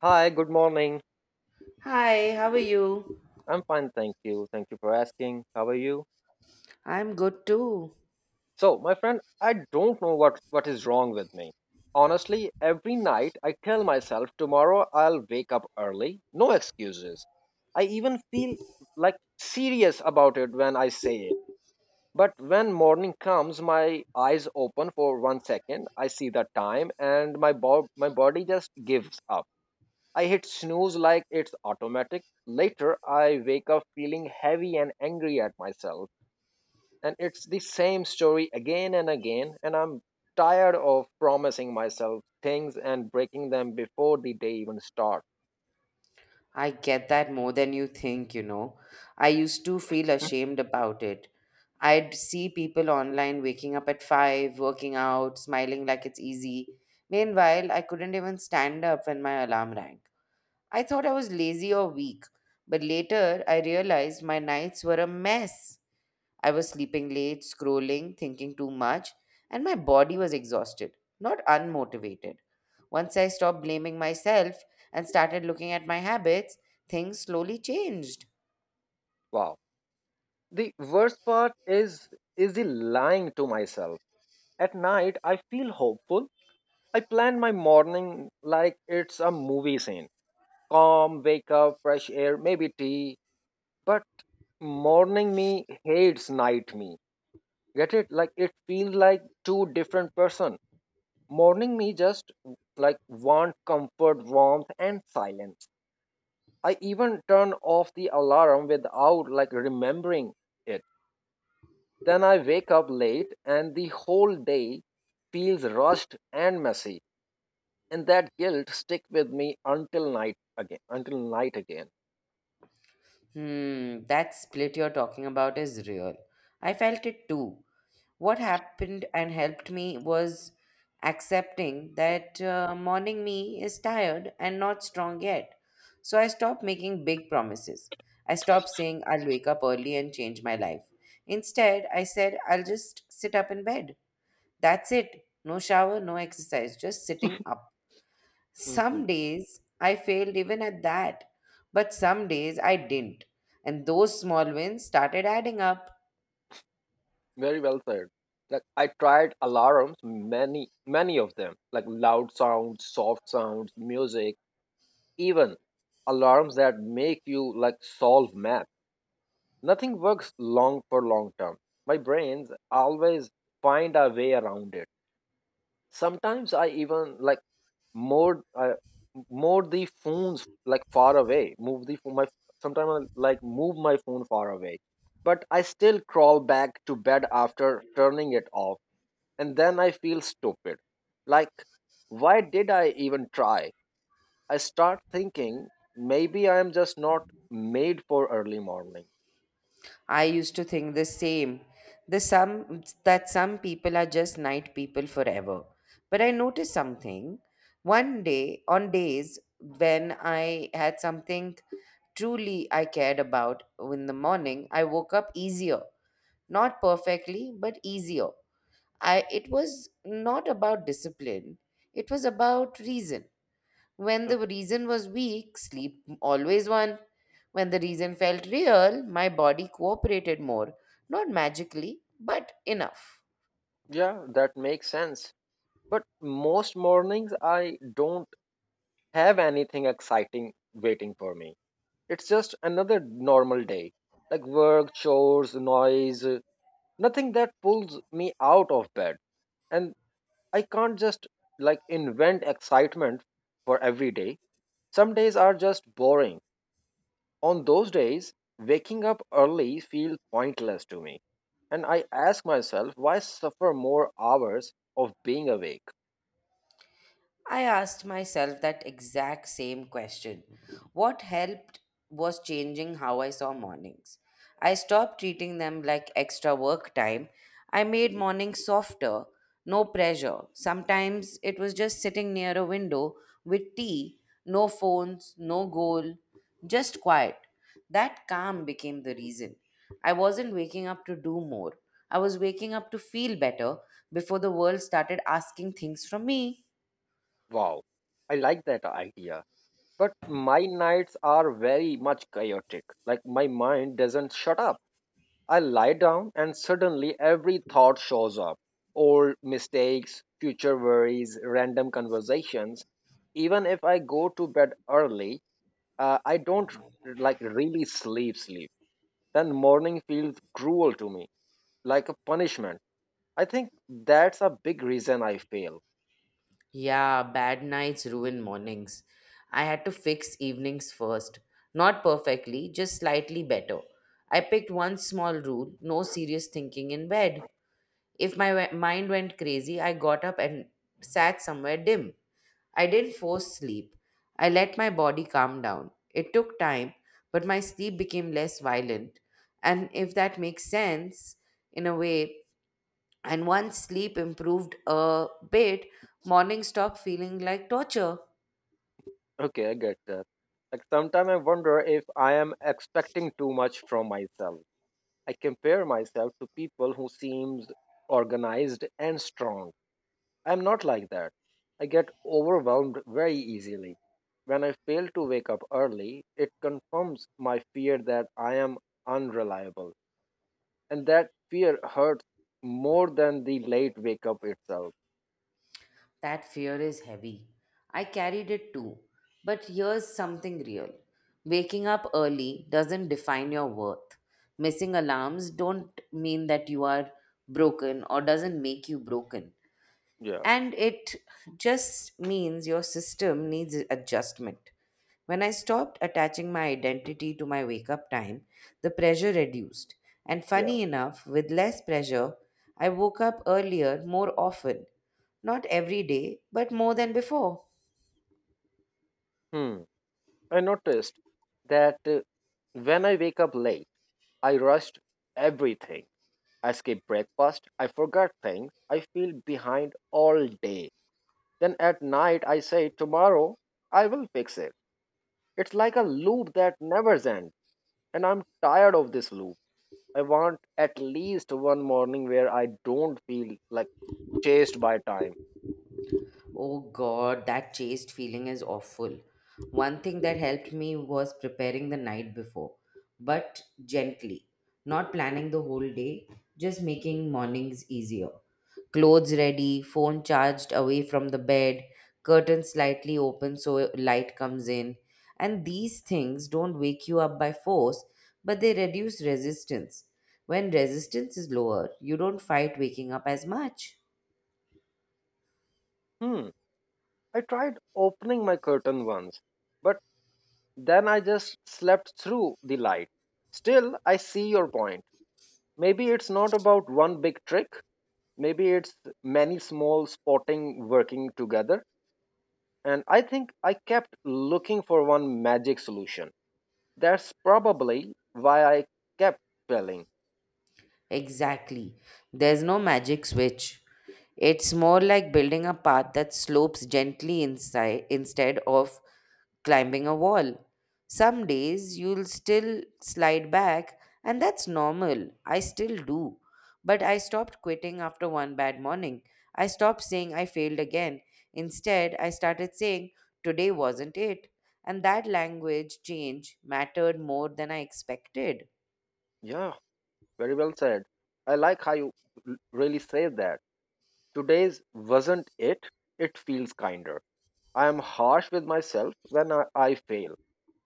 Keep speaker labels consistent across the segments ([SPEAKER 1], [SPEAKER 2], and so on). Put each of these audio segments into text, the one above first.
[SPEAKER 1] Hi, good morning.
[SPEAKER 2] Hi, how are you?
[SPEAKER 1] I'm fine, thank you. Thank you for asking. How are you?
[SPEAKER 2] I'm good too.
[SPEAKER 1] So, my friend, I don't know what is wrong with me. Honestly, every night I tell myself tomorrow I'll wake up early. No excuses. I even feel like serious about it when I say it. But when morning comes, my eyes open for 1 second. I see the time and my body just gives up. I hit snooze like it's automatic. Later, I wake up feeling heavy and angry at myself. And it's the same story again and again. And I'm tired of promising myself things and breaking them before the day even starts.
[SPEAKER 2] I get that more than you think, you know. I used to feel ashamed about it. I'd see people online waking up at 5, working out, smiling like it's easy. Meanwhile, I couldn't even stand up when my alarm rang. I thought I was lazy or weak, but later I realized my nights were a mess. I was sleeping late, scrolling, thinking too much, and my body was exhausted, not unmotivated. Once I stopped blaming myself and started looking at my habits, things slowly changed.
[SPEAKER 1] Wow. The worst part is the lying to myself. At night, I feel hopeful. I plan my morning like it's a movie scene. Calm, wake up, fresh air, maybe tea. But Morning me hates night me. Get it? Like it feels like two different person. Morning me just like want comfort, warmth, and silence. I even turn off the alarm without like remembering it. Then I wake up late and the whole day feels rushed and messy. And that guilt stick with me until night again. Until night again.
[SPEAKER 2] Hmm, that split you're talking about is real. I felt it too. What happened and helped me was accepting that morning me is tired and not strong yet. So I stopped making big promises. I stopped saying I'll wake up early and change my life. Instead, I said I'll just sit up in bed. That's it. No shower, no exercise, just sitting up.
[SPEAKER 1] hmm
[SPEAKER 2] Some days I failed even at that, but some days I didn't. And those small wins started adding up.
[SPEAKER 1] Very well said. Like I tried alarms, many of them, like loud sounds, soft sounds, music even alarms that make you like solve math, nothing works long term. My brains always find a way around it. Sometimes I even more uh, more the phones like far away, move the phone my sometimes I, like, move my phone far away, but I still crawl back to bed after turning it off, and then I feel stupid, like, why did I even try? I start thinking maybe I am just not made for early mornings.
[SPEAKER 2] I used to think the same. The some that some people are just night people forever. But I noticed something. One day, on days when I had something truly I cared about in the morning, I woke up easier. Not perfectly, but easier. I It was not about discipline. It was about reason. When
[SPEAKER 1] Uh,
[SPEAKER 2] the reason was weak, sleep always won. When the reason felt real, my body cooperated more. Not magically, but enough.
[SPEAKER 1] Yeah, that makes sense. But most mornings I don't have anything exciting waiting for me. It's just another normal day, like work, chores, noise, nothing that pulls me out of bed. And I can't just like invent excitement for every day. Some days are just boring. On those days, waking up early feels pointless to me, and I ask myself why suffer more hours of being awake.
[SPEAKER 2] I asked myself that exact same question. What helped was changing how I saw mornings. I stopped treating them like extra work time. I made mornings softer, no pressure. Sometimes it was just sitting near a window with tea, no phones, no goal, just quiet. That calm became the reason. I wasn't waking up to do more. I was waking up to feel better before the world started asking things from me.
[SPEAKER 1] Wow, I like that idea. But my nights are very much chaotic. Like my mind doesn't shut up. I lie down and suddenly every thought shows up. Old mistakes, future worries, random conversations. Even if I go to bed early, I don't like really sleep, then morning feels cruel to me, like a punishment. I think that's a big reason I fail.
[SPEAKER 2] Yeah, bad nights ruin mornings. I had to fix evenings first. Not perfectly, just slightly better. I picked one small rule: no serious thinking in bed. If my mind went crazy, I got up and sat somewhere dim. I didn't force sleep. I let my body calm down. It took time, but my sleep became less violent. And if that makes sense, in a way, and once sleep improved a bit, morning stopped feeling like torture.
[SPEAKER 1] Okay, I get that. Like sometimes I wonder if I am expecting too much from myself. I compare myself to people who seems organized and strong. I'm not like that. I get overwhelmed very easily. When I fail to wake up early, it confirms my fear that I am unreliable, and that fear hurts more than the late wake up itself.
[SPEAKER 2] That fear is heavy. I carried it too. But here's something real: waking up early doesn't define your worth. Missing alarms don't mean that you are broken or doesn't make you broken.
[SPEAKER 1] Yeah,
[SPEAKER 2] And it just means your system needs adjustment. When I stopped attaching my identity to my wake up time, the pressure reduced. And
[SPEAKER 1] yeah.
[SPEAKER 2] funny enough, with less pressure, I woke up earlier more often. Not every day, but more than before.
[SPEAKER 1] Hmm. I noticed that when I wake up late, I rushed everything. I skip breakfast, I forgot things, I feel behind all day. Then at night, I say, tomorrow, I will fix it. It's like a loop that never ends, and I'm tired of this loop. I want at least one morning where I don't feel like chased by time.
[SPEAKER 2] Oh God, that chased feeling is awful. One thing that helped me was preparing the night before, but gently, not planning the whole day, just making mornings easier. Clothes ready, phone charged away from the bed, curtains slightly open so light comes in. And these things don't wake you up by force, but they reduce resistance. When resistance is lower, you don't fight waking up as much.
[SPEAKER 1] Hmm. I tried opening my curtain once, but then I just slept through the light. Still, I see your point. Maybe it's not about one big trick, maybe it's many small spotting working together. And I think I kept looking for one magic solution. That's probably why I kept failing.
[SPEAKER 2] Exactly. There's no magic switch. It's more like building a path that slopes gently inside instead of climbing a wall. Some days you'll still slide back, and that's normal. I still do. But I stopped quitting after one bad morning. I stopped saying I failed again. Instead, I started saying, today wasn't it. And that language change mattered more than I expected.
[SPEAKER 1] Yeah, very well said. I like how you really say that. Today's wasn't it, it feels kinder. I am harsh with myself when I fail.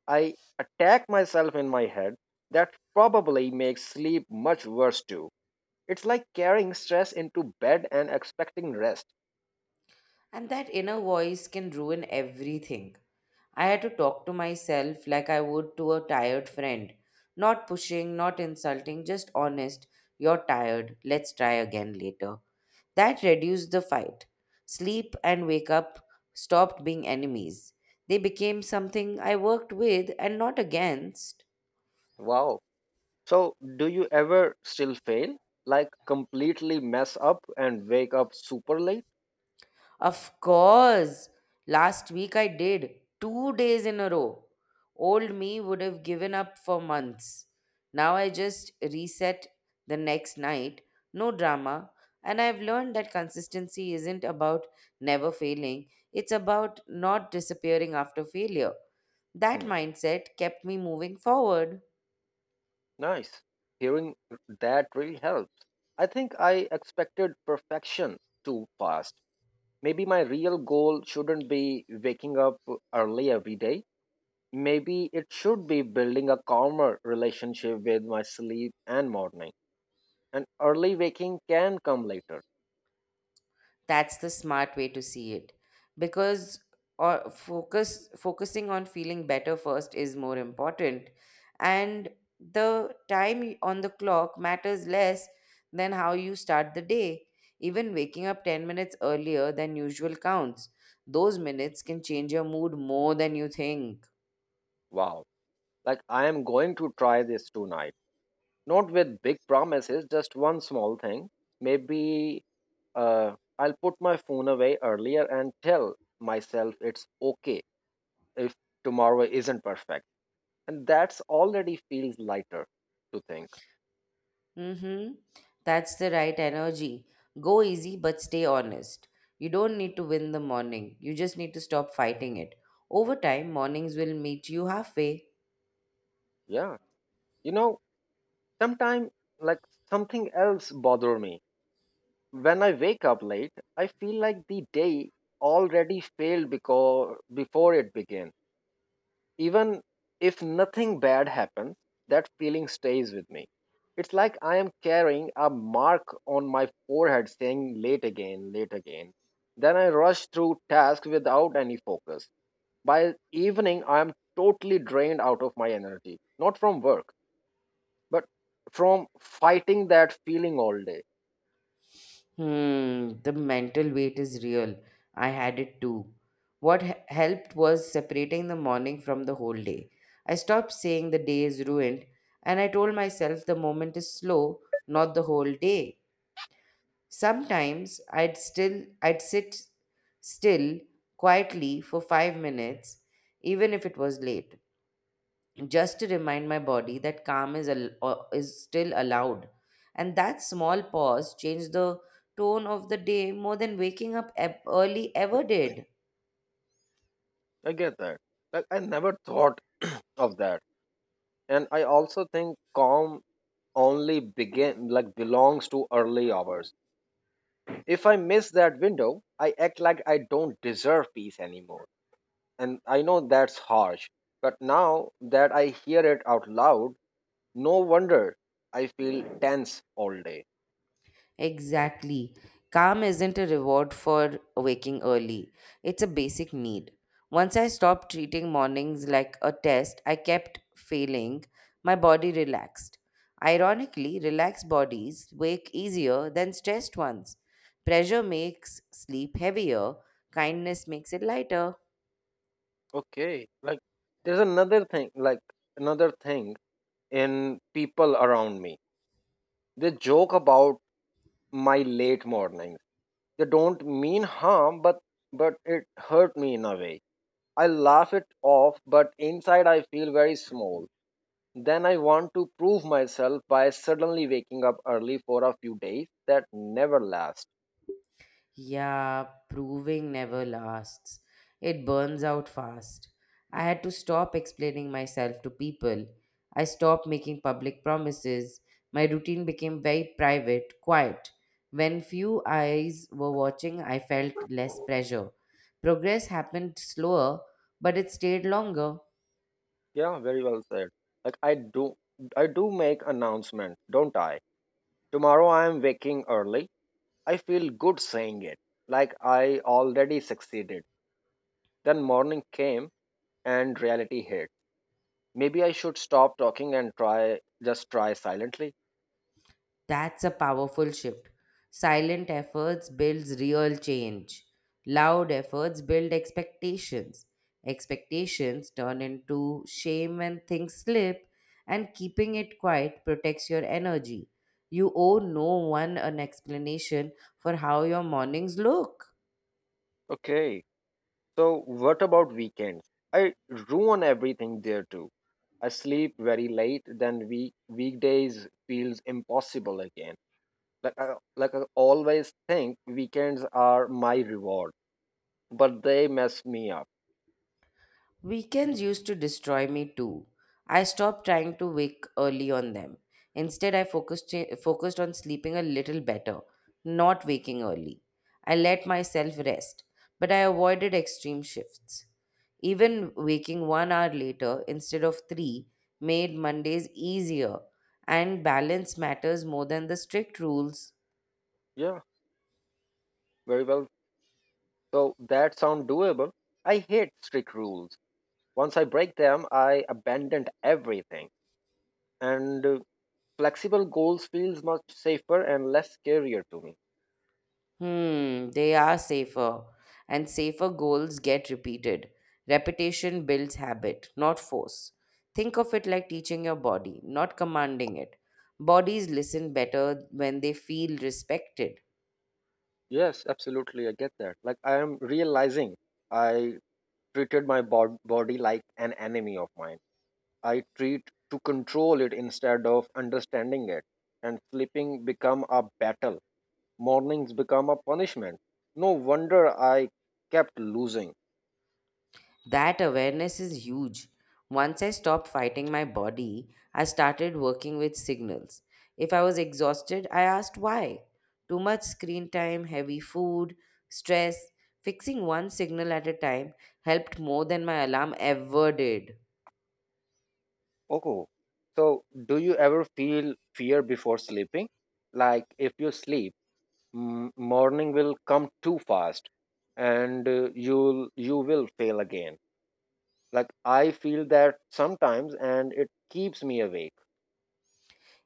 [SPEAKER 1] I attack myself in my head. That probably makes sleep much worse too. It's like carrying stress into bed and expecting rest.
[SPEAKER 2] And that inner voice can ruin everything. I had to talk to myself like I would to a tired friend. Not pushing, not insulting, just honest. You're tired. Let's try again later. That reduced the fight. Sleep and wake up stopped being enemies. They became something I worked with and not against.
[SPEAKER 1] Wow. So, do you ever still fail? Like completely mess up and wake up super late?
[SPEAKER 2] Of course. Last week I did. 2 days in a row. Old me would have given up for months. Now I just reset the next night. No drama. And I've learned that consistency isn't about never failing, it's about not disappearing after failure. That
[SPEAKER 1] Hmm.
[SPEAKER 2] mindset kept me moving forward.
[SPEAKER 1] Nice. Hearing that really helps. I think I expected perfection too fast. Maybe my real goal shouldn't be waking up early every day. Maybe it should be building a calmer relationship with my sleep and morning. And early waking can come later.
[SPEAKER 2] That's the smart way to see it, because or focus focusing on feeling better first is more important, and the time on the clock matters less than how you start the day. Even waking up 10 minutes earlier than usual counts. Those minutes can change your mood more than you think.
[SPEAKER 1] Wow. Like I am going to try this tonight. Not with big promises, just one small thing. Maybe uh, I'll put my phone away earlier and tell myself it's okay if tomorrow isn't perfect. And that's already feels lighter to think.
[SPEAKER 2] Mm-hmm. That's the right energy. Go easy, but stay honest. You don't need to win the morning. You just need to stop fighting it. Over time, mornings will meet you halfway.
[SPEAKER 1] Yeah. You know, sometimes like something else bother me. When I wake up late, I feel like the day already failed because, before it began. Even if nothing bad happens, that feeling stays with me. It's like I am carrying a mark on my forehead saying late again, late again. Then I rush through tasks without any focus. By evening, I am totally drained out of my energy, not from work, but from fighting that feeling all day.
[SPEAKER 2] Hmm, the mental weight is real. I had it too. What helped was separating the morning from the whole day. I stopped saying the day is ruined, and I told myself the moment is slow, not the whole day. Sometimes I'd sit still quietly for 5 minutes, even if it was late, just to remind my body that calm is is still allowed, and that small pause changed the tone of the day more than waking up early ever did.
[SPEAKER 1] I get that. Like, I never thought of that. And I also think calm only begin like belongs to early hours. If I miss that window, I act like I don't deserve peace anymore, and I know that's harsh, but now that I hear it out loud, no wonder I feel tense all day.
[SPEAKER 2] Exactly. Calm isn't a reward for waking early, it's a basic need. Once I stopped treating mornings like a test I kept failing, my body relaxed. Ironically, relaxed bodies wake easier than stressed ones. Pressure makes sleep heavier, kindness makes it lighter.
[SPEAKER 1] Okay, like, there's another thing like another thing, in people around me, they joke about my late mornings. They don't mean harm, but it hurt me in a way. I laugh it off, but inside I feel very small. Then I want to prove myself by suddenly waking up early for a few days that never last.
[SPEAKER 2] Yeah, proving never lasts. It burns out fast. I had to stop explaining myself to people. I stopped making public promises. My routine became very private, quiet. When few eyes were watching, I felt less pressure. Progress happened slower, but it stayed longer.
[SPEAKER 1] Yeah, very well said. Like I do make announcement, don't I? Tomorrow I am waking early. I feel good saying it. Like I already succeeded. Then morning came and reality hit. Maybe I should stop talking and try, just try silently.
[SPEAKER 2] That's a powerful shift. Silent efforts builds real change. Loud efforts build expectations. Expectations turn into shame when things slip, and keeping it quiet protects your energy. You owe no one an explanation for how your mornings look.
[SPEAKER 1] Okay. So, what about weekends? I ruin everything there too. I sleep very late, then weekdays feels impossible again. Like I always think weekends are my reward, but they mess me up.
[SPEAKER 2] Weekends used to destroy me too. I stopped trying to wake early on them. Instead, focused on sleeping a little better, not waking early. I let myself rest, but I avoided extreme shifts. Even waking 1 hour later instead of three made Mondays easier, and balance matters more than the strict rules.
[SPEAKER 1] Yeah, very well. So that sound doable. I hate strict rules. Once I break them, I abandoned everything. And flexible goals feels much safer and less scarier to me.
[SPEAKER 2] Hmm, they are safer, and safer goals get repeated. Repetition builds habit, not force. Think of it like teaching your body, not commanding it. Bodies listen better when they feel respected.
[SPEAKER 1] Yes, absolutely. I get that. Like I am realizing I treated my body like an enemy of mine. I treat to control it instead of understanding it. And sleeping become a battle. Mornings become a punishment. No wonder I kept losing.
[SPEAKER 2] That awareness is huge. Once I stopped fighting my body, I started working with signals. If I was exhausted, I asked why. Too much screen time, heavy food, stress. Fixing one signal at a time helped more than my alarm ever did.
[SPEAKER 1] Oh. So do you ever feel fear before sleeping? Like if you sleep, morning will come too fast and you will fail again. Like I feel that sometimes and it keeps me awake.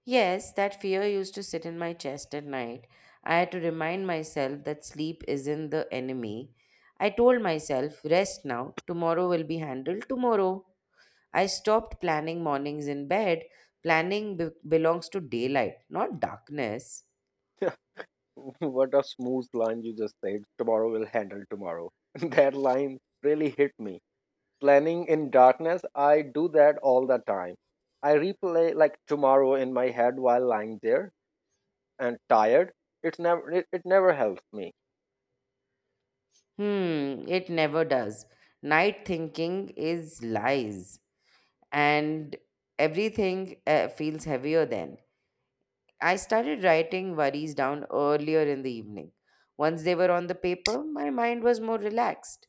[SPEAKER 2] Yes, that fear used to sit in my chest at night. I had to remind myself that sleep isn't the enemy. I told myself, rest now, tomorrow will be handled tomorrow. I stopped planning mornings in bed. Planning belongs to daylight, not darkness.
[SPEAKER 1] What a smooth line you just said. Tomorrow will handle tomorrow. That line really hit me. Planning in darkness, I do that all the time. I replay like tomorrow in my head while lying there and tired. It's never, it never helps me.
[SPEAKER 2] Hmm, it never does. Night thinking is lies, and everything feels heavier then. I started writing worries down earlier in the evening. Once they were on the paper, my mind was more relaxed.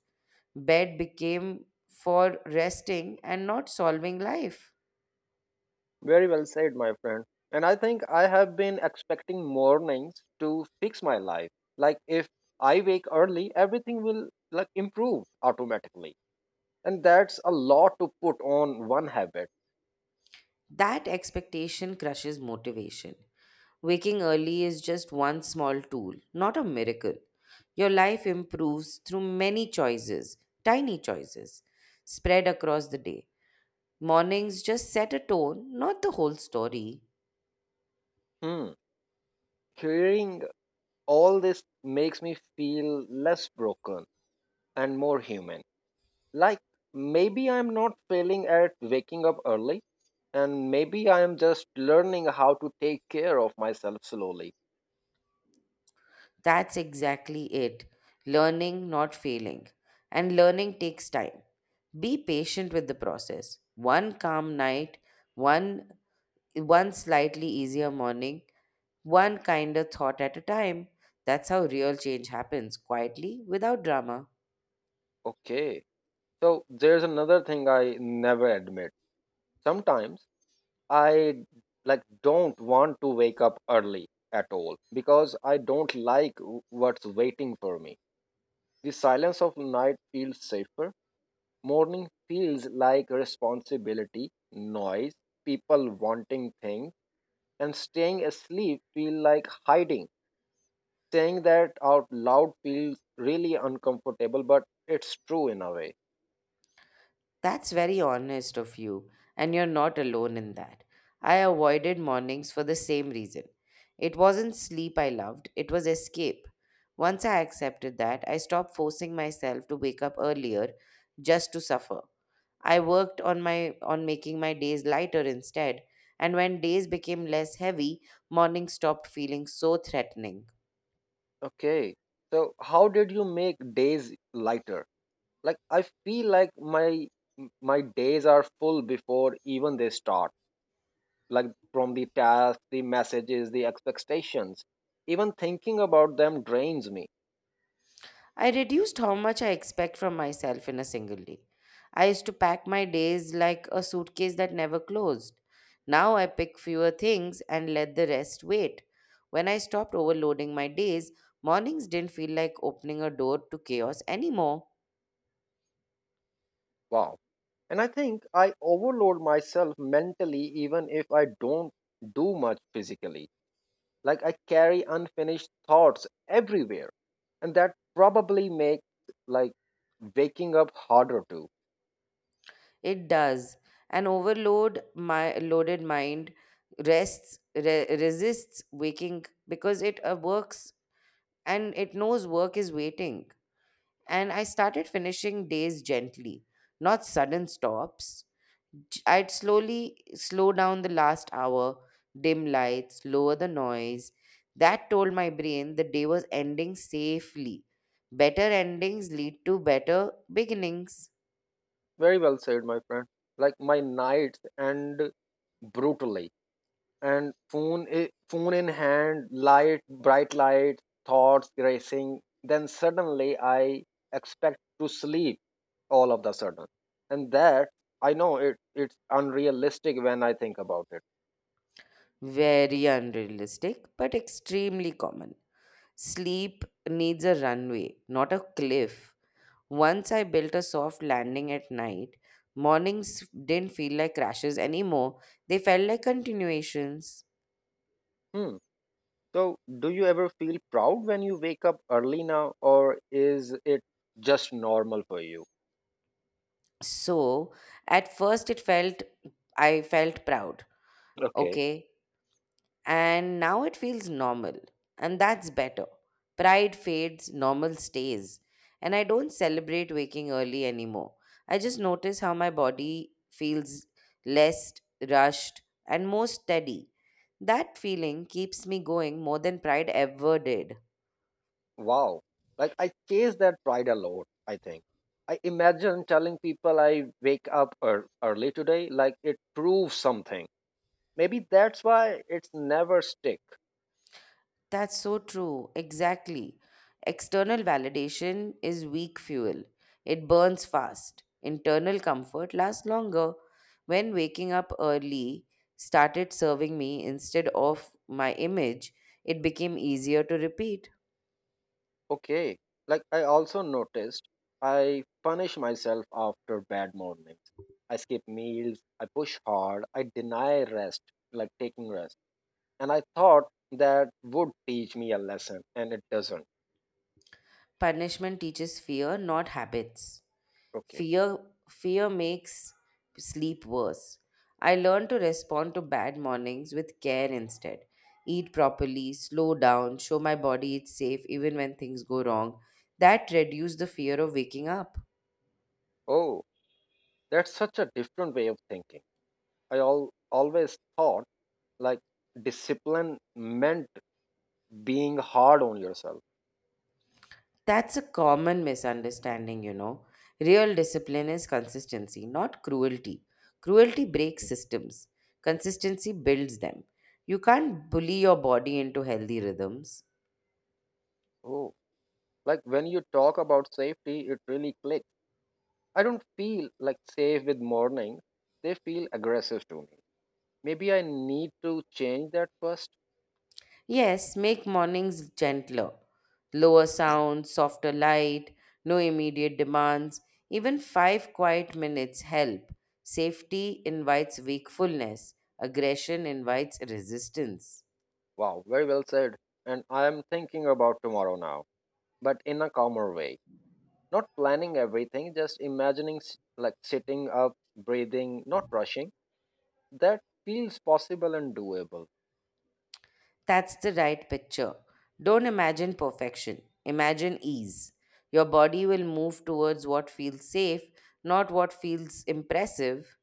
[SPEAKER 2] Bed became for resting and not solving life.
[SPEAKER 1] Very well said, my friend. And I think I have been expecting mornings to fix my life. Like if I wake early, everything will like improve automatically. And that's a lot to put on one habit.
[SPEAKER 2] That expectation crushes motivation. Waking early is just one small tool, not a miracle. Your life improves through many choices, tiny choices, spread across the day. Mornings just set a tone, not the whole story.
[SPEAKER 1] Hmm. Hearing all this makes me feel less broken and more human. Like maybe I'm not failing at waking up early, and maybe I am just learning how to take care of myself slowly.
[SPEAKER 2] That's exactly it. Learning, not failing. And learning takes time. Be patient with the process. One calm night, one one slightly easier morning, one kinder thought at a time. That's how real change happens, quietly, without drama.
[SPEAKER 1] Okay. So there's another thing I never admit. Sometimes I like don't want to wake up early at all because I don't like what's waiting for me. The silence of night feels safer. Morning feels like responsibility, noise, people wanting things, and staying asleep feel like hiding. Saying that out loud feels really uncomfortable, but it's true in a way.
[SPEAKER 2] That's very honest of you, and you're not alone in that. I avoided mornings for the same reason. It wasn't sleep I loved, it was escape. Once I accepted that, I stopped forcing myself to wake up earlier just to suffer. I worked on my on making my days lighter instead, and when days became less heavy, mornings stopped feeling so threatening.
[SPEAKER 1] Okay. So how did you make days lighter? Like I feel like my days are full before even they start. Like from the tasks, the messages, the expectations. Even thinking about them drains me.
[SPEAKER 2] I reduced how much I expect from myself in a single day. I used to pack my days like a suitcase that never closed. Now I pick fewer things and let the rest wait. When I stopped overloading my days, mornings didn't feel like opening a door to chaos anymore.
[SPEAKER 1] Wow. And I think I overload myself mentally even if I don't do much physically. Like I carry unfinished thoughts everywhere. And that probably makes like waking up harder too.
[SPEAKER 2] It does. An overload my loaded mind resists waking because it works, and it knows work is waiting. And I started finishing days gently, not sudden stops. I'd slowly slow down the last hour, dim lights, lower the noise. That told my brain the day was ending safely. Better endings lead to better beginnings.
[SPEAKER 1] Very well said, my friend. Like my nights and brutally, and phone in hand, light, bright light, thoughts racing. Then suddenly I expect to sleep all of the sudden, and that, I know it, it's unrealistic when I think about it.
[SPEAKER 2] Very unrealistic, but extremely common. Sleep needs a runway, not a cliff. Once I built a soft landing at night, mornings didn't feel like crashes anymore. They felt like continuations.
[SPEAKER 1] Hmm. So, do you ever feel proud when you wake up early now, or is it just normal for you?
[SPEAKER 2] So, at first it felt I felt proud.
[SPEAKER 1] Okay.
[SPEAKER 2] Okay, and now it feels normal. And that's better. Pride fades, normal stays. And I don't celebrate waking early anymore. I just notice how my body feels less rushed and more steady. That feeling keeps me going more than pride ever did.
[SPEAKER 1] Wow. Like I chase that pride a lot, I think. I imagine telling people I wake up early today, like it proves something. Maybe that's why it's never stick.
[SPEAKER 2] That's so true. Exactly. External validation is weak fuel, it burns fast. Internal comfort lasts longer. When waking up early started serving me instead of my image, it became easier to repeat.
[SPEAKER 1] Okay. Like I also noticed I punish myself after bad mornings. I skip meals, I push hard, I deny rest, like taking rest. And I thought that would teach me a lesson and it doesn't.
[SPEAKER 2] Punishment teaches fear, not habits.
[SPEAKER 1] Okay.
[SPEAKER 2] Fear fear makes sleep worse. I learned to respond to bad mornings with care instead. Eat properly, slow down, show my body it's safe even when things go wrong. That reduced the fear of waking up.
[SPEAKER 1] Oh, that's such a different way of thinking. I always thought like discipline meant being hard on yourself.
[SPEAKER 2] That's a common misunderstanding, you know. Real discipline is consistency, not cruelty. Cruelty breaks systems. Consistency builds them. You can't bully your body into healthy rhythms.
[SPEAKER 1] Oh, like when you talk about safety, it really clicks. I don't feel like safe with morning. They feel aggressive to me. Maybe I need to change that first.
[SPEAKER 2] Yes, make mornings gentler. Lower sounds, softer light, no immediate demands. Even five quiet minutes help. Safety invites wakefulness, aggression invites resistance.
[SPEAKER 1] Wow, very well said. And I am thinking about tomorrow now, but in a calmer way. Not planning everything, just imagining like sitting up, breathing, not rushing. That feels possible and doable.
[SPEAKER 2] That's the right picture. Don't imagine perfection, imagine ease. Your body will move towards what feels safe, not what feels impressive.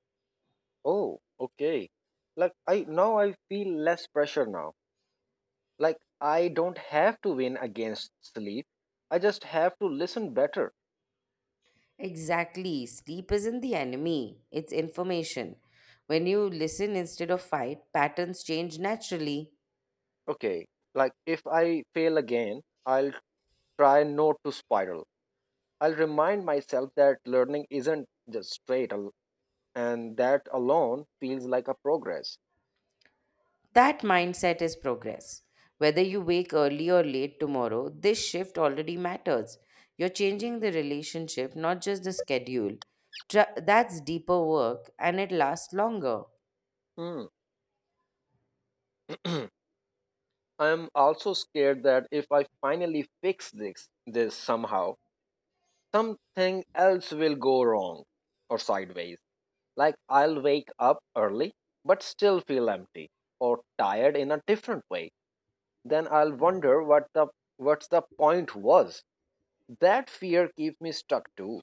[SPEAKER 1] Oh, okay. Like I feel less pressure now. Like I don't have to win against sleep. I just have to listen better.
[SPEAKER 2] Exactly. Sleep isn't the enemy, it's information. When you listen instead of fight, patterns change naturally.
[SPEAKER 1] Okay. Like if I fail again, I'll try not to spiral. I'll remind myself that learning isn't just straight, and that alone feels like a progress.
[SPEAKER 2] That mindset is progress. Whether you wake early or late tomorrow, this shift already matters. You're changing the relationship, not just the schedule. That's deeper work and it lasts longer.
[SPEAKER 1] Hmm. I'm also scared that if I finally fix this somehow, something else will go wrong or sideways. Like I'll wake up early but still feel empty or tired in a different way. Then I'll wonder what's the point was. That fear keeps me stuck too.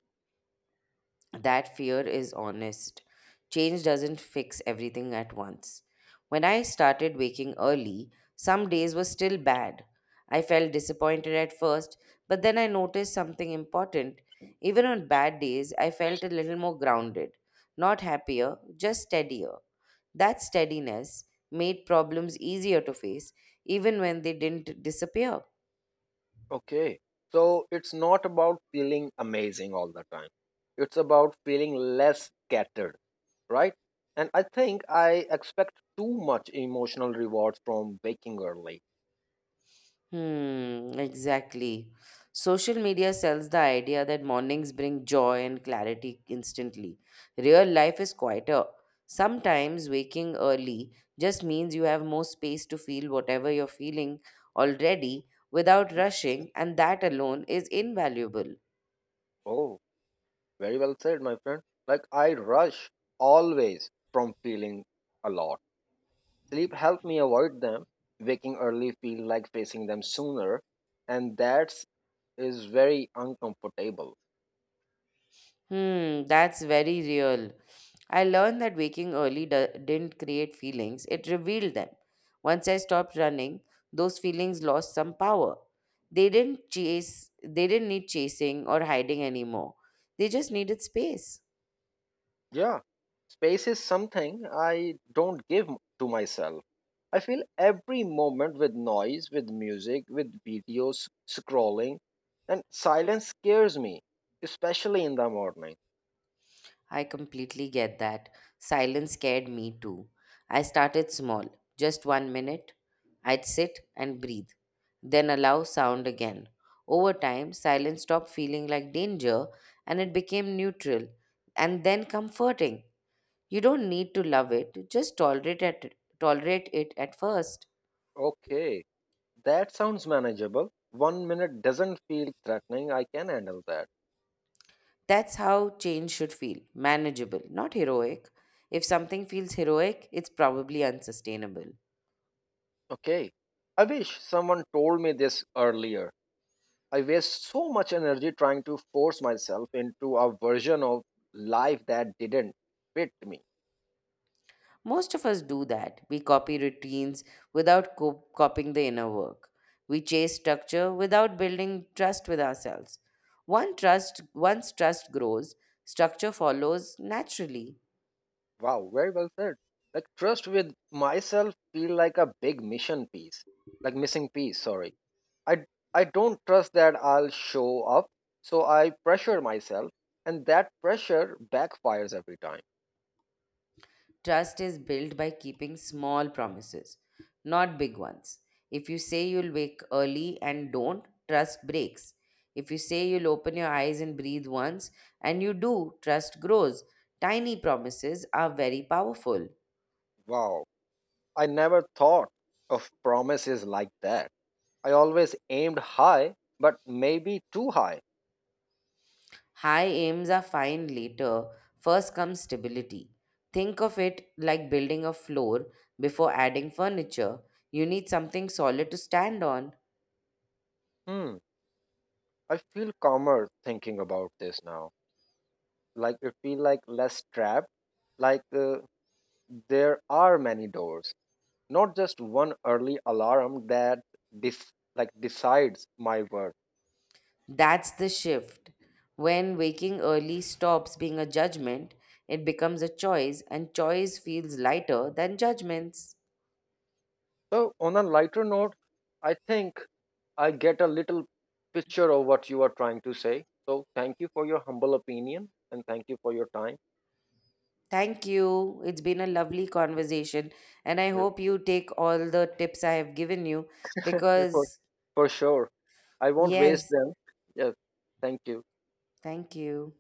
[SPEAKER 2] That fear is honest. Change doesn't fix everything at once. When I started waking early, some days were still bad. I felt disappointed at first, but then I noticed something important. Even on bad days, I felt a little more grounded. Not happier, just steadier. That steadiness made problems easier to face, even when they didn't disappear.
[SPEAKER 1] Okay. So it's not about feeling amazing all the time. It's about feeling less scattered, right? And I think I expect too much emotional rewards from waking early.
[SPEAKER 2] Hmm, exactly. Social media sells the idea that mornings bring joy and clarity instantly. Real life is quieter. Sometimes waking early just means you have more space to feel whatever you're feeling already without rushing, and that alone is invaluable.
[SPEAKER 1] Oh, very well said, my friend. Like I rush always from feeling a lot. Sleep helped me avoid them. Waking early feels like facing them sooner, and that is very uncomfortable.
[SPEAKER 2] Hmm, that's very real. I learned that waking early didn't create feelings, it revealed them. Once I stopped running, those feelings lost some power. They didn't chase, they didn't need chasing or hiding anymore. They just needed space.
[SPEAKER 1] Yeah, space is something I don't give to myself. I feel every moment with noise, with music, with videos scrolling, and silence scares me, especially in the morning.
[SPEAKER 2] I completely get that. Silence scared me too. I started small, just 1 minute. I'd sit and breathe, then allow sound again. Over time, silence stopped feeling like danger and it became neutral and then comforting. You don't need to love it, just tolerate it at first.
[SPEAKER 1] Okay, that sounds manageable. 1 minute doesn't feel threatening. I can handle that.
[SPEAKER 2] That's how change should feel manageable, not heroic. If something feels heroic, it's probably unsustainable.
[SPEAKER 1] Okay. I wish someone told me this earlier. I waste so much energy trying to force myself into a version of life that didn't fit me.
[SPEAKER 2] Most of us do that. We copy routines without copying the inner work. We chase structure without building trust with ourselves. Once trust grows, structure follows naturally.
[SPEAKER 1] Wow, very well said. Like trust with myself feel like a big mission piece. Like missing piece, sorry. I I don't trust that I'll show up, so I pressure myself, and that pressure backfires every time.
[SPEAKER 2] Trust is built by keeping small promises, not big ones. If you say you'll wake early and don't, trust breaks. If you say you'll open your eyes and breathe once and you do, trust grows. Tiny promises are very powerful.
[SPEAKER 1] Wow. I never thought of promises like that. I always aimed high, but maybe too high.
[SPEAKER 2] High aims are fine later, first comes stability. Think of it like building a floor before adding furniture. You need something solid to stand on.
[SPEAKER 1] Hmm. I feel calmer thinking about this now. Like I feel like less trapped. Like there are many doors, not just one early alarm that dis like decides my worth.
[SPEAKER 2] That's the shift. When waking early stops being a judgment, it becomes a choice, and choice feels lighter than judgments.
[SPEAKER 1] So on a lighter note, I think I get a little picture of what you are trying to say. So thank you for your humble opinion and thank you for your time.
[SPEAKER 2] Thank you. It's been a lovely conversation, and I
[SPEAKER 1] Yes.
[SPEAKER 2] hope you take all the tips I have given you
[SPEAKER 1] for
[SPEAKER 2] because,
[SPEAKER 1] for sure. I won't waste
[SPEAKER 2] yes,
[SPEAKER 1] them. Yes, thank you.
[SPEAKER 2] thank you.